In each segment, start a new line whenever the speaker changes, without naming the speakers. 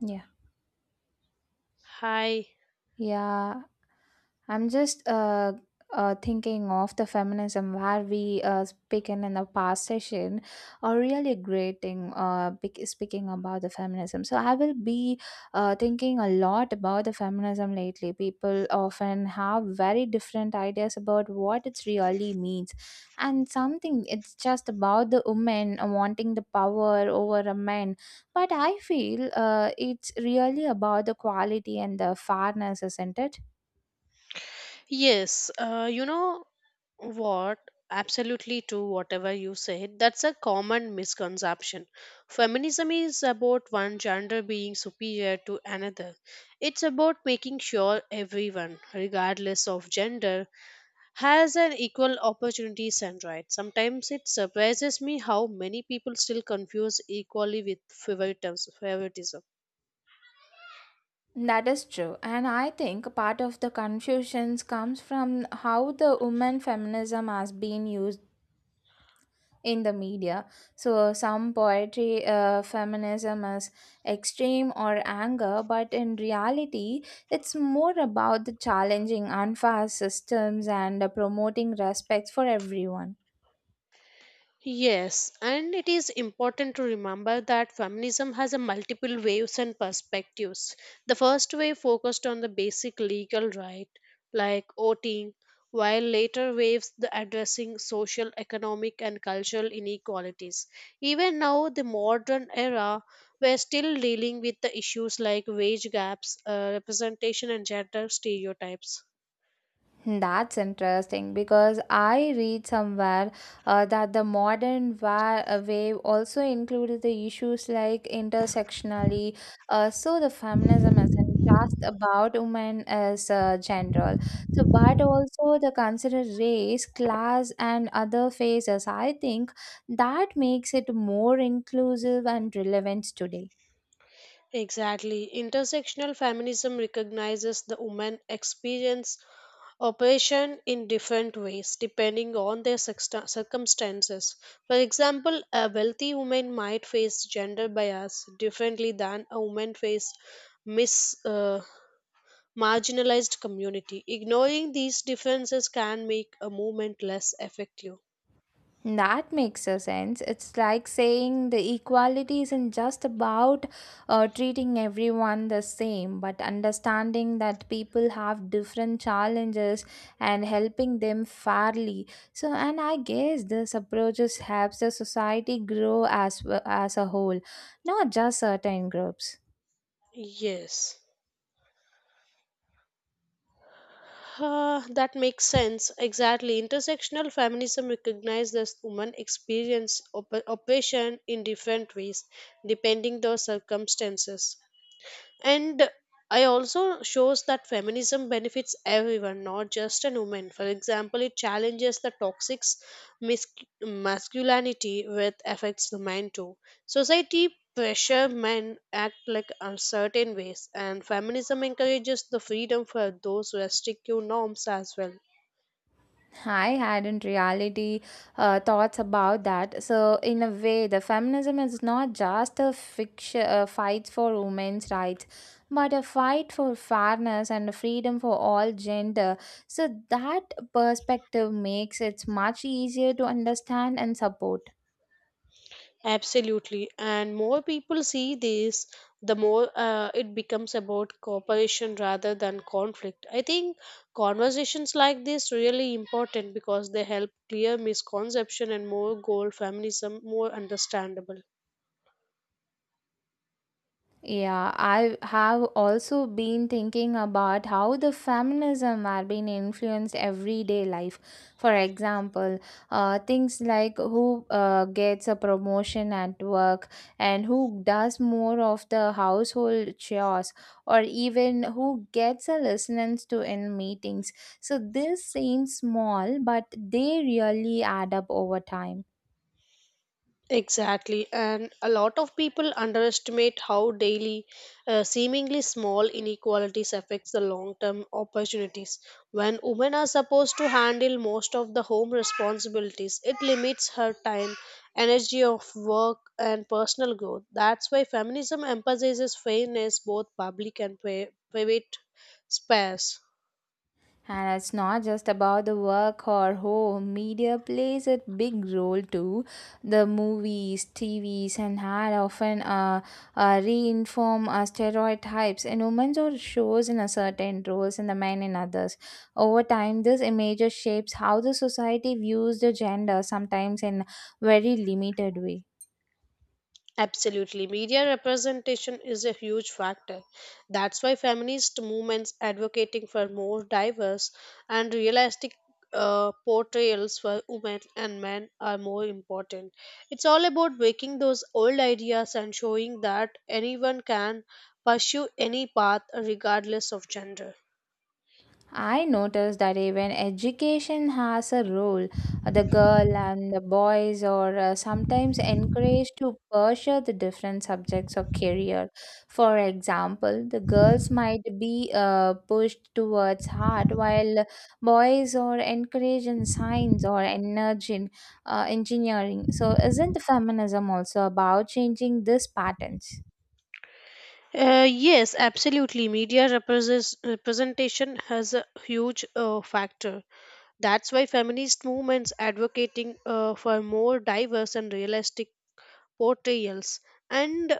Yeah.
Hi.
Yeah. I'm just Thinking of the feminism where we speaking in the past session are really great thing speaking about the feminism. So I will be thinking a lot about the feminism lately. People often have very different ideas about what it really means, and something it's just about the women wanting the power over a man, but I feel it's really about the quality and the fairness, isn't it?
Yes, you know what? Absolutely true, whatever you said. That's a common misconception. Feminism is about one gender being superior to another. It's about making sure everyone, regardless of gender, has an equal opportunities and rights. Sometimes it surprises me how many people still confuse equality with favoritism.
That is true, and I think part of the confusions comes from how the woman feminism has been used in the media. So some poetry feminism is extreme or anger, but in reality, it's more about the challenging unfair systems and promoting respect for everyone.
Yes, and it is important to remember that feminism has a multiple waves and perspectives. The first wave focused on the basic legal right, like voting, while later waves the addressing social, economic, and cultural inequalities. Even now, the modern era, we're still dealing with the issues like wage gaps, representation, and gender stereotypes.
That's interesting because I read somewhere that the modern wave also included the issues like intersectionality. So the feminism isn't just about women as a general, so but also the consider race, class, and other phases. I think that makes it more inclusive and relevant today.
Exactly. Intersectional feminism recognizes the woman experience operation in different ways depending on their circumstances. For example, a wealthy woman might face gender bias differently than a woman face mis marginalized community. Ignoring these differences can make a movement less effective.
That makes a sense. It's like saying the equality isn't just about treating everyone the same, but understanding that people have different challenges and helping them fairly. So, and I guess this approach just helps the society grow as well as a whole, not just certain groups.
Yes. That makes sense. Exactly. Intersectional feminism recognizes women experience oppression in different ways, depending their circumstances. And I also shows that feminism benefits everyone, not just a woman. For example, it challenges the toxic mis- masculinity, which affects the men too. Society pressure men act like a certain ways, and feminism encourages the freedom for those restrictive norms as well.
I hadn't reality thoughts about that. So in a way, the feminism is not just a fiction, fight for women's rights, but a fight for fairness and freedom for all gender. So that perspective makes it much easier to understand and support.
Absolutely. And more people see this, the more it becomes about cooperation rather than conflict. I think conversations like this really important because they help clear misconception and more goal feminism more understandable.
Yeah, I have also been thinking about how the feminism are being influenced everyday life. For example, things like who gets a promotion at work, and who does more of the household chores, or even who gets a listenance to in meetings. So this seems small, but they really add up over time.
Exactly, and a lot of people underestimate how daily, seemingly small inequalities affects the long-term opportunities. When women are supposed to handle most of the home responsibilities, it limits her time, energy of work, and personal growth. That's why feminism emphasizes fairness, both public and private spheres.
And it's not just about the work or home. Media plays a big role too. The movies, TVs, and ad often reinform stereotypes in women or shows in a certain roles and the men in others. Over time, this image shapes how the society views the gender, sometimes in very limited way.
Absolutely. Media representation is a huge factor. That's why feminist movements advocating for more diverse and realistic portrayals for women and men are more important. It's all about breaking those old ideas and showing that anyone can pursue any path regardless of gender.
I noticed that even education has a role. The girl and the boys are sometimes encouraged to pursue the different subjects of career. For example, the girls might be pushed towards art, while boys are encouraged in science or energy, in, engineering. So, isn't feminism also about changing these patterns?
Yes, absolutely. Media represents, representation has a huge factor. That's why feminist movements advocating for more diverse and realistic portrayals and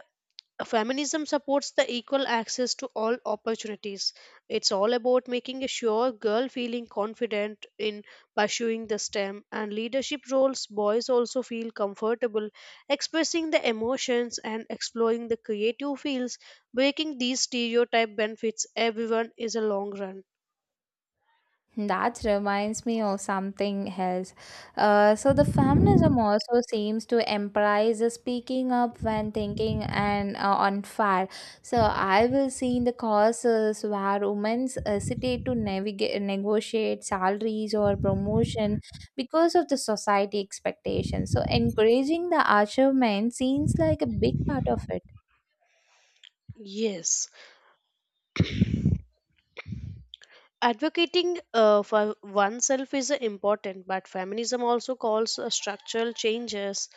feminism supports the equal access to all opportunities. It's all about making a sure girl feeling confident in pursuing the STEM and leadership roles. Boys also feel comfortable expressing their emotions and exploring the creative fields. Breaking these stereotype benefits everyone is a long run.
That reminds me of something else. So the feminism also seems to emphasize the speaking up when thinking and on fire. So I will see in the causes where women hesitate to navigate, negotiate salaries or promotion because of the society expectations. So encouraging the achievement seems like a big part of it.
Yes. Advocating for oneself is important, but feminism also calls structural changes.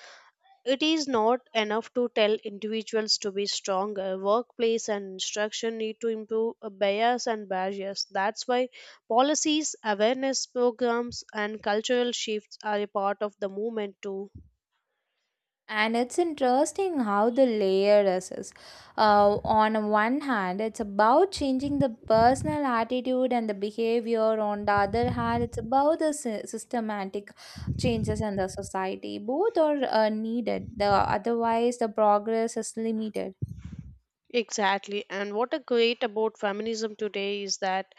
It is not enough to tell individuals to be stronger. Workplace and instruction need to improve bias and barriers. That's why policies, awareness programs, and cultural shifts are a part of the movement too.
And it's interesting how the layer is. On one hand, it's about changing the personal attitude and the behavior. On the other hand, it's about the systematic changes in the society. Both are needed. The otherwise, the progress is limited.
Exactly. And what a great about feminism today is that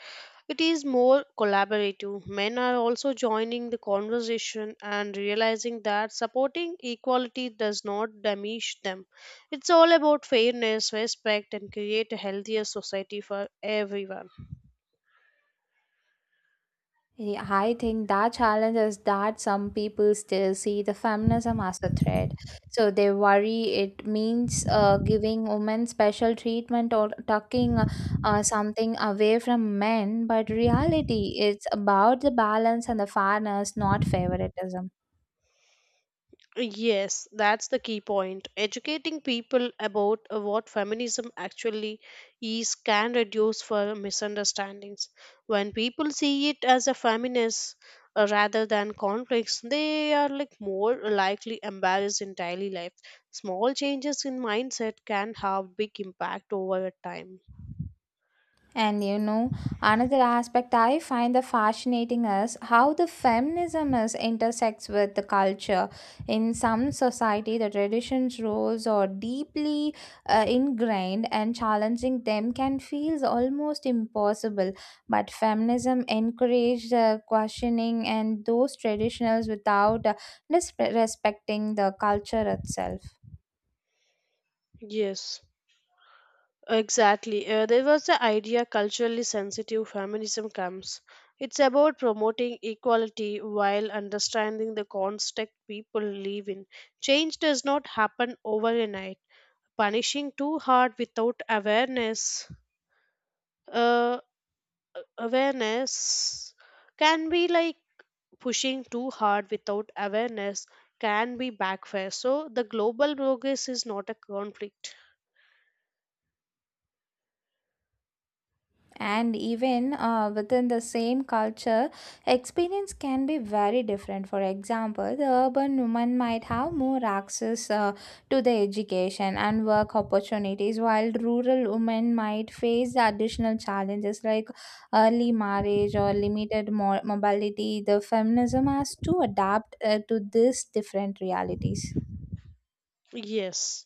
it is more collaborative. Men are also joining the conversation and realizing that supporting equality does not damage them. It's all about fairness, respect, and create a healthier society for everyone.
Yeah, I think that challenge is that some people still see the feminism as a threat. So they worry it means giving women special treatment or tucking something away from men. But reality, it's about the balance and the fairness, not favoritism.
Yes, that's the key point. Educating people about what feminism actually is can reduce for misunderstandings. When people see it as a feminist rather than conflicts, they are like more likely embarrassed in daily life. Small changes in mindset can have big impact over a time.
And you know, another aspect I find the fascinating is how the feminism is intersects with the culture. In some society, the traditions roles are deeply ingrained, and challenging them can feel almost impossible. But feminism encouraged the questioning and those traditionals without disrespecting the culture itself.
Yes. Exactly. There was the idea culturally sensitive feminism comes. It's about promoting equality while understanding the context people live in. Change does not happen overnight. Punishing too hard without awareness, uh, awareness can be like pushing too hard without awareness can be backfire. So the global progress is not a conflict.
And even within the same culture, experience can be very different. For example, the urban woman might have more access to the education and work opportunities, while rural women might face the additional challenges like early marriage or limited mobility. The feminism has to adapt to these different realities.
Yes.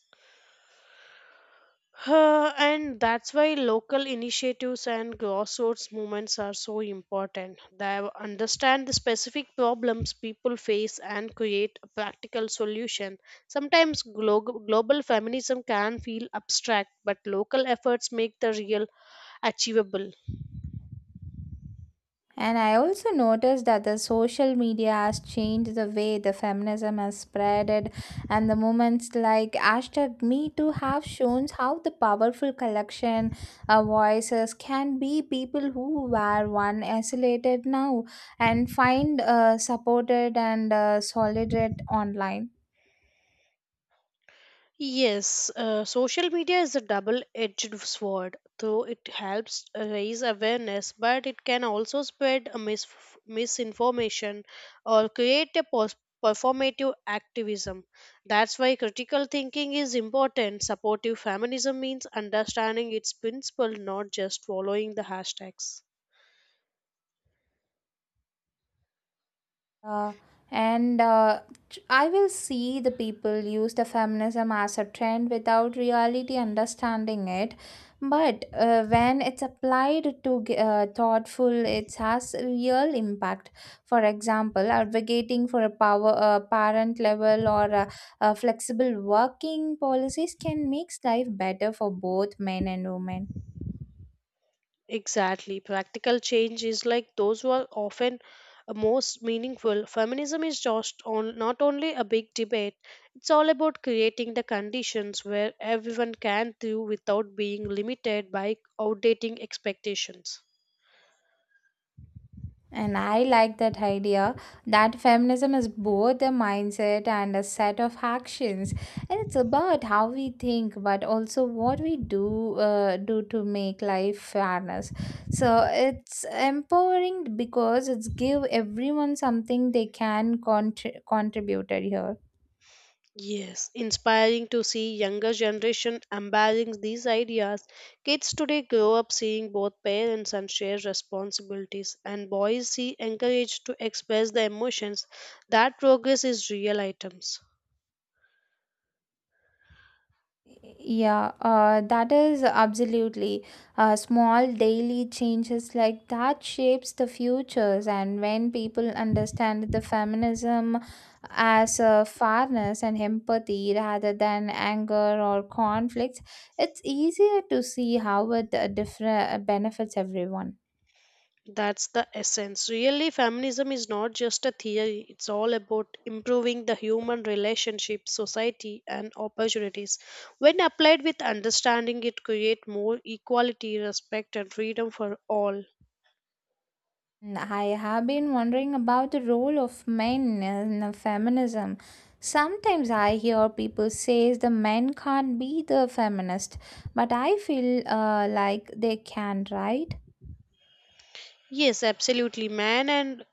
And that's why local initiatives and grassroots movements are so important. They understand the specific problems people face and create a practical solution. Sometimes global feminism can feel abstract, but local efforts make the real achievable.
And I also noticed that the social media has changed the way the feminism has spreaded, and the movements like hashtag Me Too have shown how the powerful collection of voices can be. People who were one isolated now and find supported and solidated online.
Yes, social media is a double-edged sword. Though it helps raise awareness, but it can also spread a misinformation or create a performative activism. That's why critical thinking is important. Supportive feminism means understanding its principle, not just following the hashtags.
Uh, and uh, I will see the people use the feminism as a trend without reality understanding it. But when it's applied to thoughtful, it has real impact. For example, advocating for a power parent level, or a flexible working policies can make life better for both men and women.
Exactly. Practical change is like those were often most meaningful. Feminism is just on not only a big debate, it's all about creating the conditions where everyone can do without being limited by outdating expectations.
And I like that idea that feminism is both a mindset and a set of actions. And it's about how we think, but also what we do to make life fairness. So it's empowering because it's give everyone something they can contribute here.
Yes, inspiring to see younger generation embracing these ideas. Kids today grow up seeing both parents and shared responsibilities, and boys see encouraged to express their emotions. That progress is real items.
Yeah, that is absolutely. Small daily changes like that shapes the futures, and when people understand the feminism as fairness and empathy rather than anger or conflicts, it's easier to see how it different benefits everyone.
That's the essence. Really, feminism is not just a theory. It's all about improving the human relationship, society, and opportunities. When applied with understanding, it creates more equality, respect, and freedom for all.
And I have been wondering about the role of men in feminism. Sometimes I hear people say the men can't be the feminist, but I feel like they can, right?
Yes, absolutely. Man and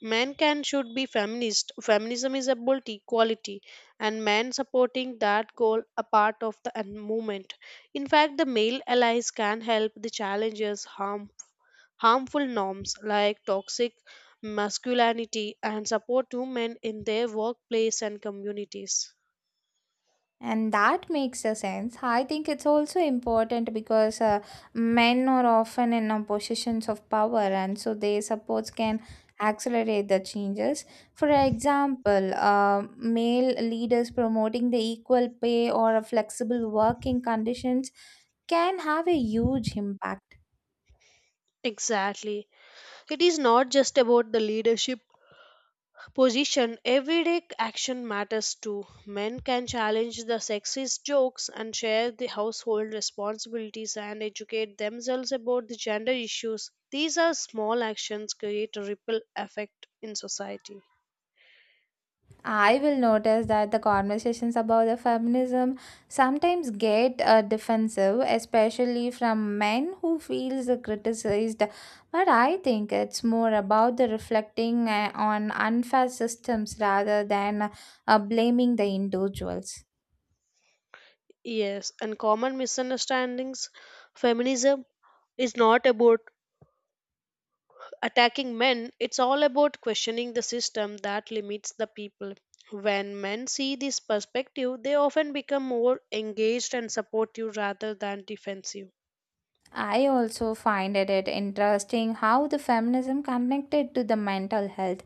man can should be feminist. Feminism is about equality, and man supporting that goal a part of the movement. In fact, the male allies can help the challenges harmful norms like toxic masculinity and support women in their workplace and communities.
And that makes a sense. I think it's also important because men are often in positions of power, and so their supports can accelerate the changes. For example, male leaders promoting the equal pay or flexible working conditions can have a huge impact.
Exactly. It is not just about the leadership position, everyday action matters too. Men can challenge the sexist jokes and share the household responsibilities and educate themselves about the gender issues. These are small actions create a ripple effect in society.
I will notice that the conversations about the feminism sometimes get defensive, especially from men who feels criticized. But I think it's more about the reflecting on unfair systems rather than blaming the individuals.
Yes, and common misunderstandings. Feminism is not about attacking men, it's all about questioning the system that limits the people. When men see this perspective, they often become more engaged and supportive rather than defensive.
I also find it interesting how the feminism connected to the mental health.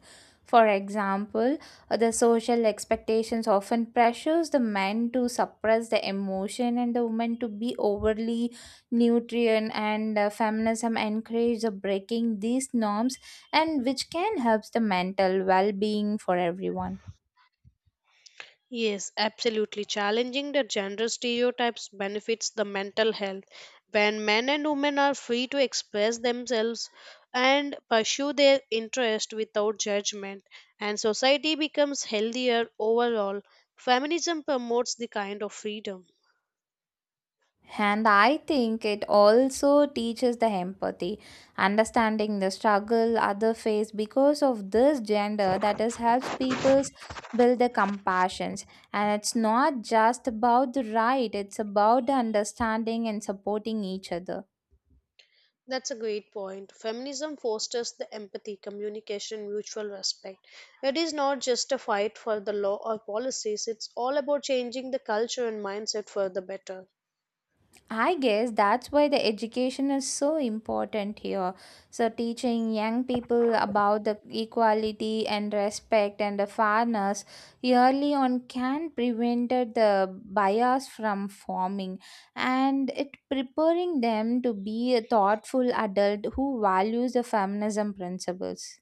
For example, the social expectations often pressures the men to suppress the emotion and the women to be overly nutrient, and feminism encourages the breaking these norms, and which can help the mental well-being for everyone.
Yes, absolutely. Challenging the gender stereotypes benefits the mental health. When men and women are free to express themselves and pursue their interest without judgment, and society becomes healthier overall, feminism promotes the kind of freedom.
And I think it also teaches the empathy, understanding the struggle other face because of this gender, that is helps people build the compassions. And it's not just about the right, it's about the understanding and supporting each other.
That's a great point. Feminism fosters the empathy, communication, mutual respect. It is not just a fight for the law or policies, it's all about changing the culture and mindset for the better.
I guess that's why the education is so important here. So, teaching young people about the equality and respect and the fairness early on can prevent the bias from forming, and it preparing them to be a thoughtful adult who values the feminism principles.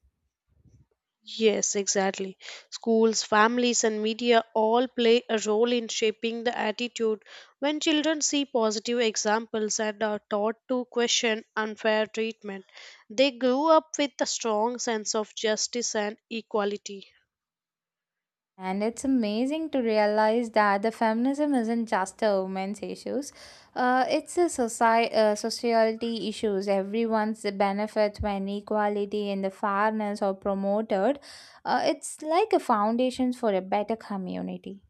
Yes, exactly. Schools, families, and media all play a role in shaping the attitude. When children see positive examples and are taught to question unfair treatment, they grow up with a strong sense of justice and equality.
And it's amazing to realize that the feminism isn't just a woman's issues. It's a society, sociality issues. Everyone's benefit when equality and the fairness are promoted. It's like a foundation for a better community.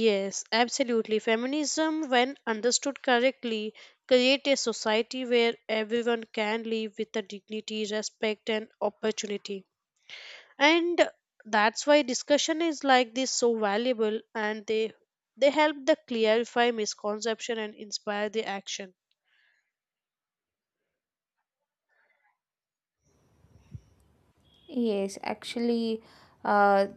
Yes, absolutely. Feminism, when understood correctly, create a society where everyone can live with the dignity, respect, and opportunity. And that's why discussion is like this so valuable, and they help the clarify misconception and inspire the action.
Yes, actually, uh,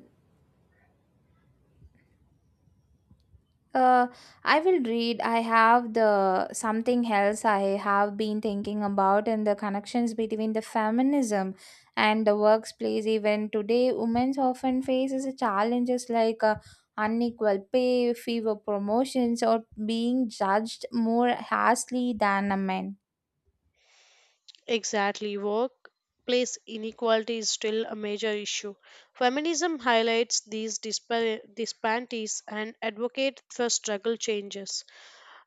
Uh, I will read. I have the something else I have been thinking about and the connections between the feminism and the workplace. Even today, women often faces challenges like unequal pay, fewer promotions, or being judged more harshly than a man.
Exactly, workplace inequality is still a major issue. Feminism highlights these disparities and advocates for struggle changes,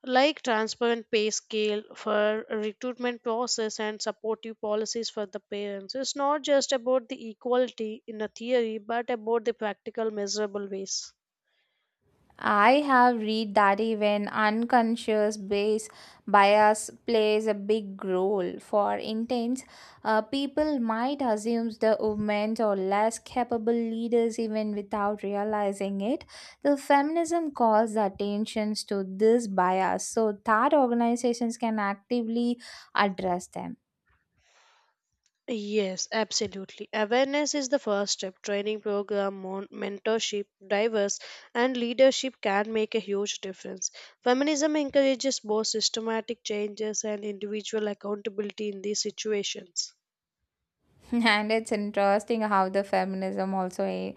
like transparent pay scale for recruitment process and supportive policies for the parents. It's not just about the equality in a theory, but about the practical measurable ways.
I have read that even unconscious base bias plays a big role. For instance, people might assume the women are less capable leaders even without realizing it. The feminism calls the attention to this bias so that organizations can actively address them.
Yes, absolutely, awareness is the first step. Training program, mentorship, diverse and leadership can make a huge difference. Feminism encourages both systematic changes and individual accountability in these situations.
And it's interesting how the feminism also eh,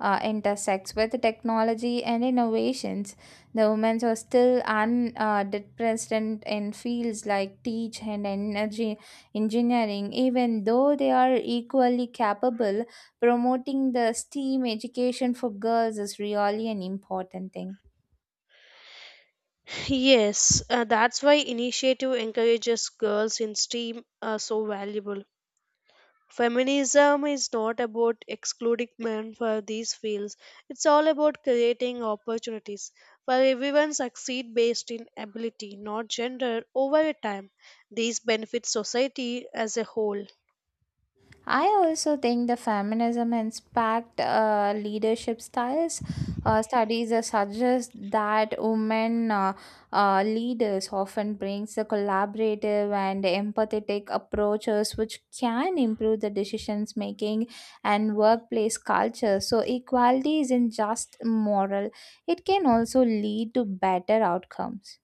uh, intersects with technology and innovations. The women are still unrepresented in fields like teach and energy engineering, even though they are equally capable. Promoting the STEAM education for girls is really an important thing.
Yes, that's why initiative encourages girls in STEAM are so valuable. Feminism is not about excluding men for these fields. It's all about creating opportunities for everyone succeed based in ability, not gender, over a time. These benefit society as a whole.
I also think the feminism inspired leadership styles. Studies suggest that women leaders often brings the collaborative and empathetic approaches, which can improve the decisions making and workplace culture. So equality isn't just moral; it can also lead to better outcomes.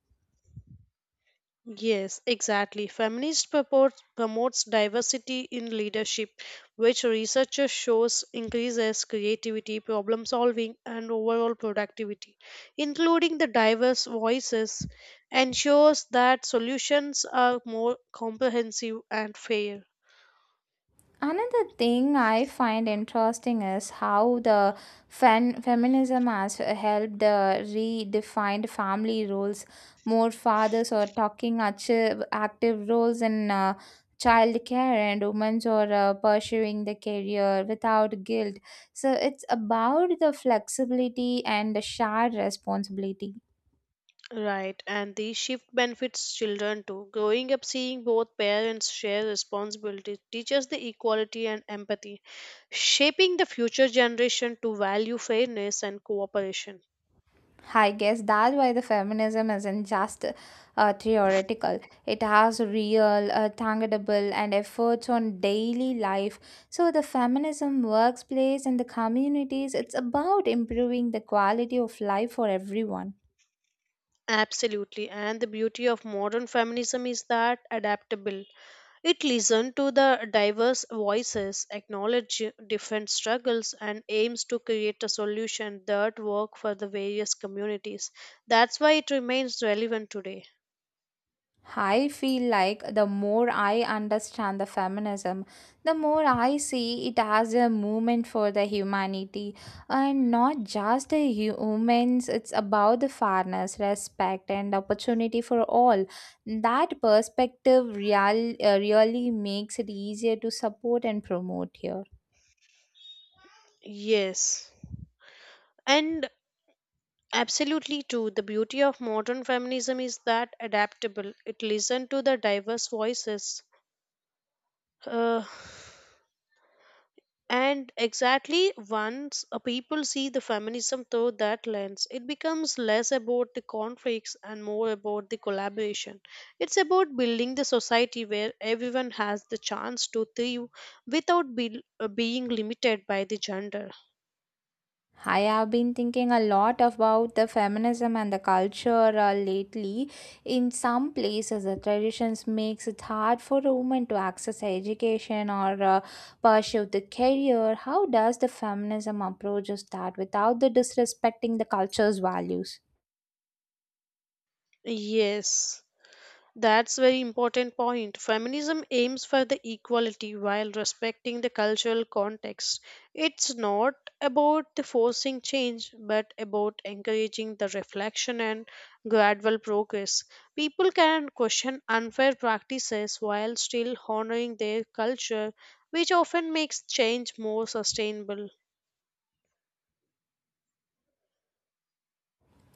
Yes, exactly. Feminist purports, promotes diversity in leadership, which researchers shows increases creativity, problem solving, and overall productivity. Including the diverse voices ensures that solutions are more comprehensive and fair.
Another thing I find interesting is how the feminism has helped redefined family roles. More fathers are talking active roles in child care, and women are pursuing the career without guilt. So it's about the flexibility and the shared responsibility.
Right, and the shift benefits children too. Growing up seeing both parents share responsibility teaches the equality and empathy, shaping the future generation to value fairness and cooperation.
I guess that's why the feminism isn't just theoretical. It has real, tangible, and efforts on daily life. So the feminism workplace and the communities, it's about improving the quality of life for everyone.
Absolutely, and the beauty of modern feminism is that adaptable. It listens to the diverse voices, acknowledges different struggles, and aims to create a solution that work for the various communities. That's why it remains relevant today.
I feel like the more I understand the feminism, the more I see it as a movement for the humanity and not just the humans. It's about the fairness, respect, and opportunity for all. That perspective really makes it easier to support and promote here.
Yes. And absolutely true. The beauty of modern feminism is that adaptable. It listens to the diverse voices. Uh, and exactly once a people see the feminism through that lens, it becomes less about the conflicts and more about the collaboration. It's about building the society where everyone has the chance to thrive without being limited by the gender.
I have been thinking a lot about the feminism and the culture lately. In some places, the traditions makes it hard for a woman to access education or pursue the career. How does the feminism approaches that without the disrespecting the culture's values?
Yes. That's very important point. Feminism aims for the equality while respecting the cultural context. It's not about the forcing change, but about encouraging the reflection and gradual progress. People can question unfair practices while still honoring their culture, which often makes change more sustainable.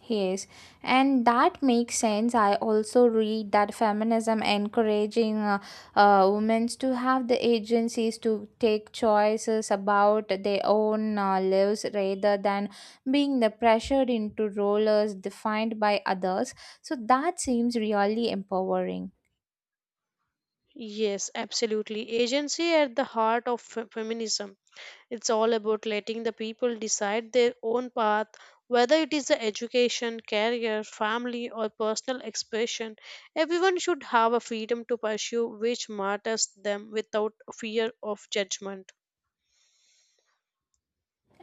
Yes, and that makes sense. I also read that feminism encouraging women to have the agencies to take choices about their own lives rather than being the pressured into roles defined by others. So that seems really empowering.
Yes, absolutely. Agency at the heart of feminism. It's all about letting the people decide their own path, whether it is the education, career, family, or personal expression. Everyone should have a freedom to pursue which matters them without fear of judgment.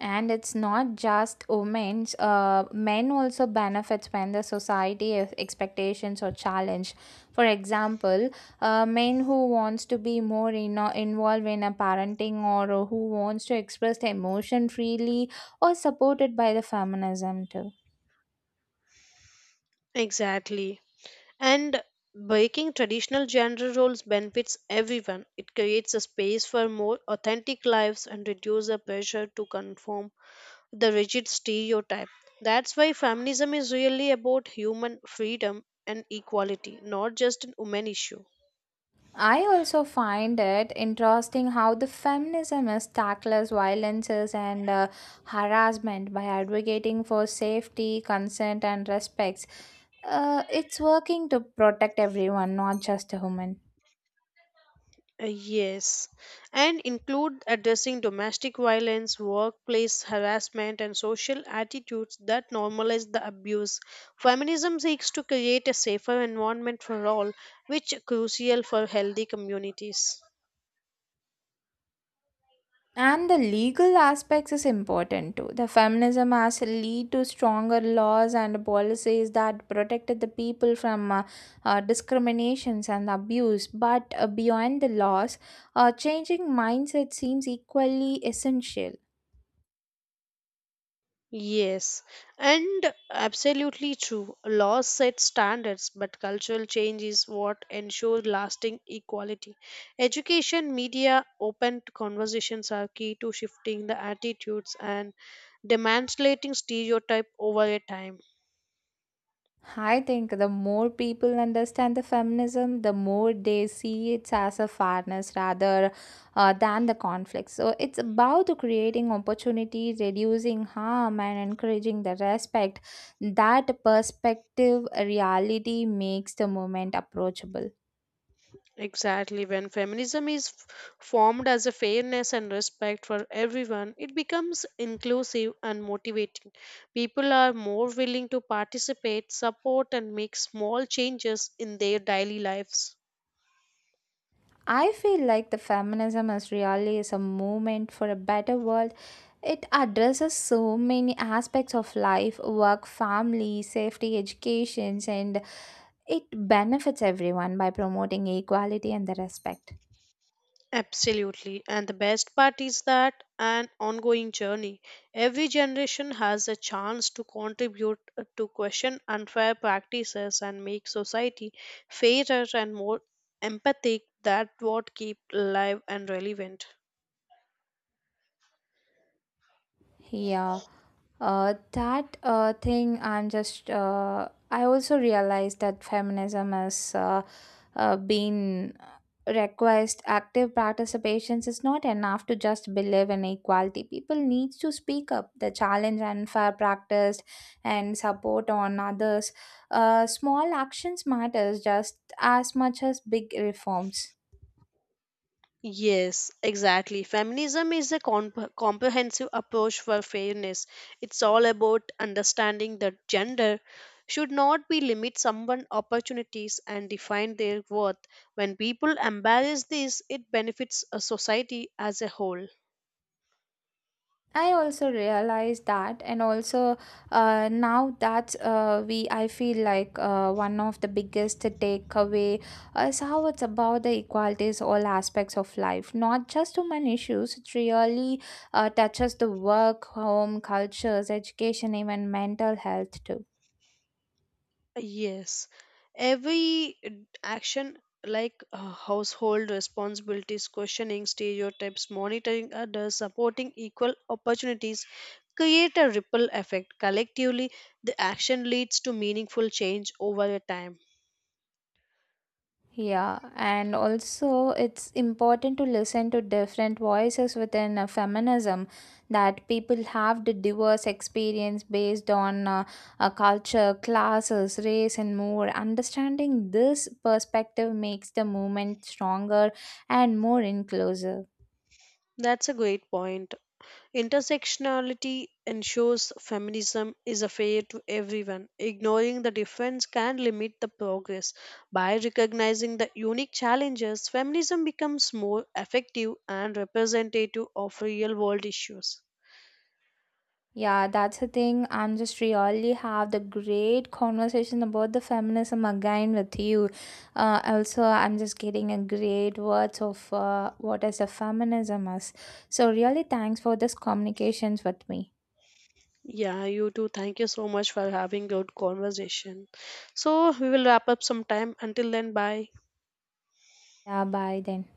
And it's not just women, men also benefits when the society expectations or challenge. For example, men who wants to be more involved in a parenting, or who wants to express their emotion freely or supported by the feminism too.
Exactly. And breaking traditional gender roles benefits everyone. It creates a space for more authentic lives and reduces the pressure to conform the rigid stereotype. That's why feminism is really about human freedom and equality, not just an women issue.
I also find it interesting how the feminism is tackles violences and harassment by advocating for safety, consent, and respects. It's working to protect everyone, not just a woman.
Yes, and include addressing domestic violence, workplace harassment, and social attitudes that normalize the abuse. Feminism seeks to create a safer environment for all, which is crucial for healthy communities.
And the legal aspects is important too. The feminism has lead to stronger laws and policies that protected the people from discriminations and abuse. But beyond the laws, changing mindset seems equally essential.
Yes, and absolutely true. Laws set standards, but cultural change is what ensures lasting equality. Education, media, open conversations are key to shifting the attitudes and demanslating stereotype over a time.
I think the more people understand the feminism, the more they see it as a fairness rather than the conflict. So it's about creating opportunity, reducing harm, and encouraging the respect. That perspective reality makes the movement approachable.
Exactly. When feminism is formed as a fairness and respect for everyone, it becomes inclusive and motivating. People are more willing to participate, support, and make small changes in their daily lives.
I feel like the feminism is really is a movement for a better world. It addresses so many aspects of life, work, family, safety, educations, and it benefits everyone by promoting equality and the respect.
Absolutely. And the best part is that an ongoing journey. Every generation has a chance to contribute to question unfair practices and make society fairer and more empathic that what keep alive and relevant.
Yeah, that thing I'm just. I also realized that feminism has been request active participations. Is not enough to just believe in equality, people needs to speak up the challenge unfair practice and support on others. Small actions matters just as much as big reforms.
Yes, exactly. Feminism is a comprehensive approach for fairness. It's all about understanding that gender should not be limit someone opportunities and define their worth. When people embrace this, it benefits a society as a whole.
I also realize that, and also now that's we. I feel like one of the biggest takeaway is how it's about the equalities, all aspects of life, not just human issues. It really touches the work, home, cultures, education, even mental health too.
Yes, every action like household responsibilities, questioning stereotypes, monitoring others, supporting equal opportunities create a ripple effect. Collectively, the action leads to meaningful change over a time.
Yeah, and also it's important to listen to different voices within feminism, that people have the diverse experience based on culture, classes, race, and more. Understanding this perspective makes the movement stronger and more inclusive.
That's a great point. Intersectionality ensures feminism is a fair to everyone. Ignoring the difference can limit the progress. By recognizing the unique challenges, feminism becomes more effective and representative of real world issues.
Yeah, that's the thing. I'm just really have the great conversation about the feminism again with you. I'm just getting a great words of what is the feminism is. So really, thanks for this communications with me.
Yeah, you too. Thank you so much for having good conversation. So we will wrap up sometime. Until then, bye.
Yeah, bye then.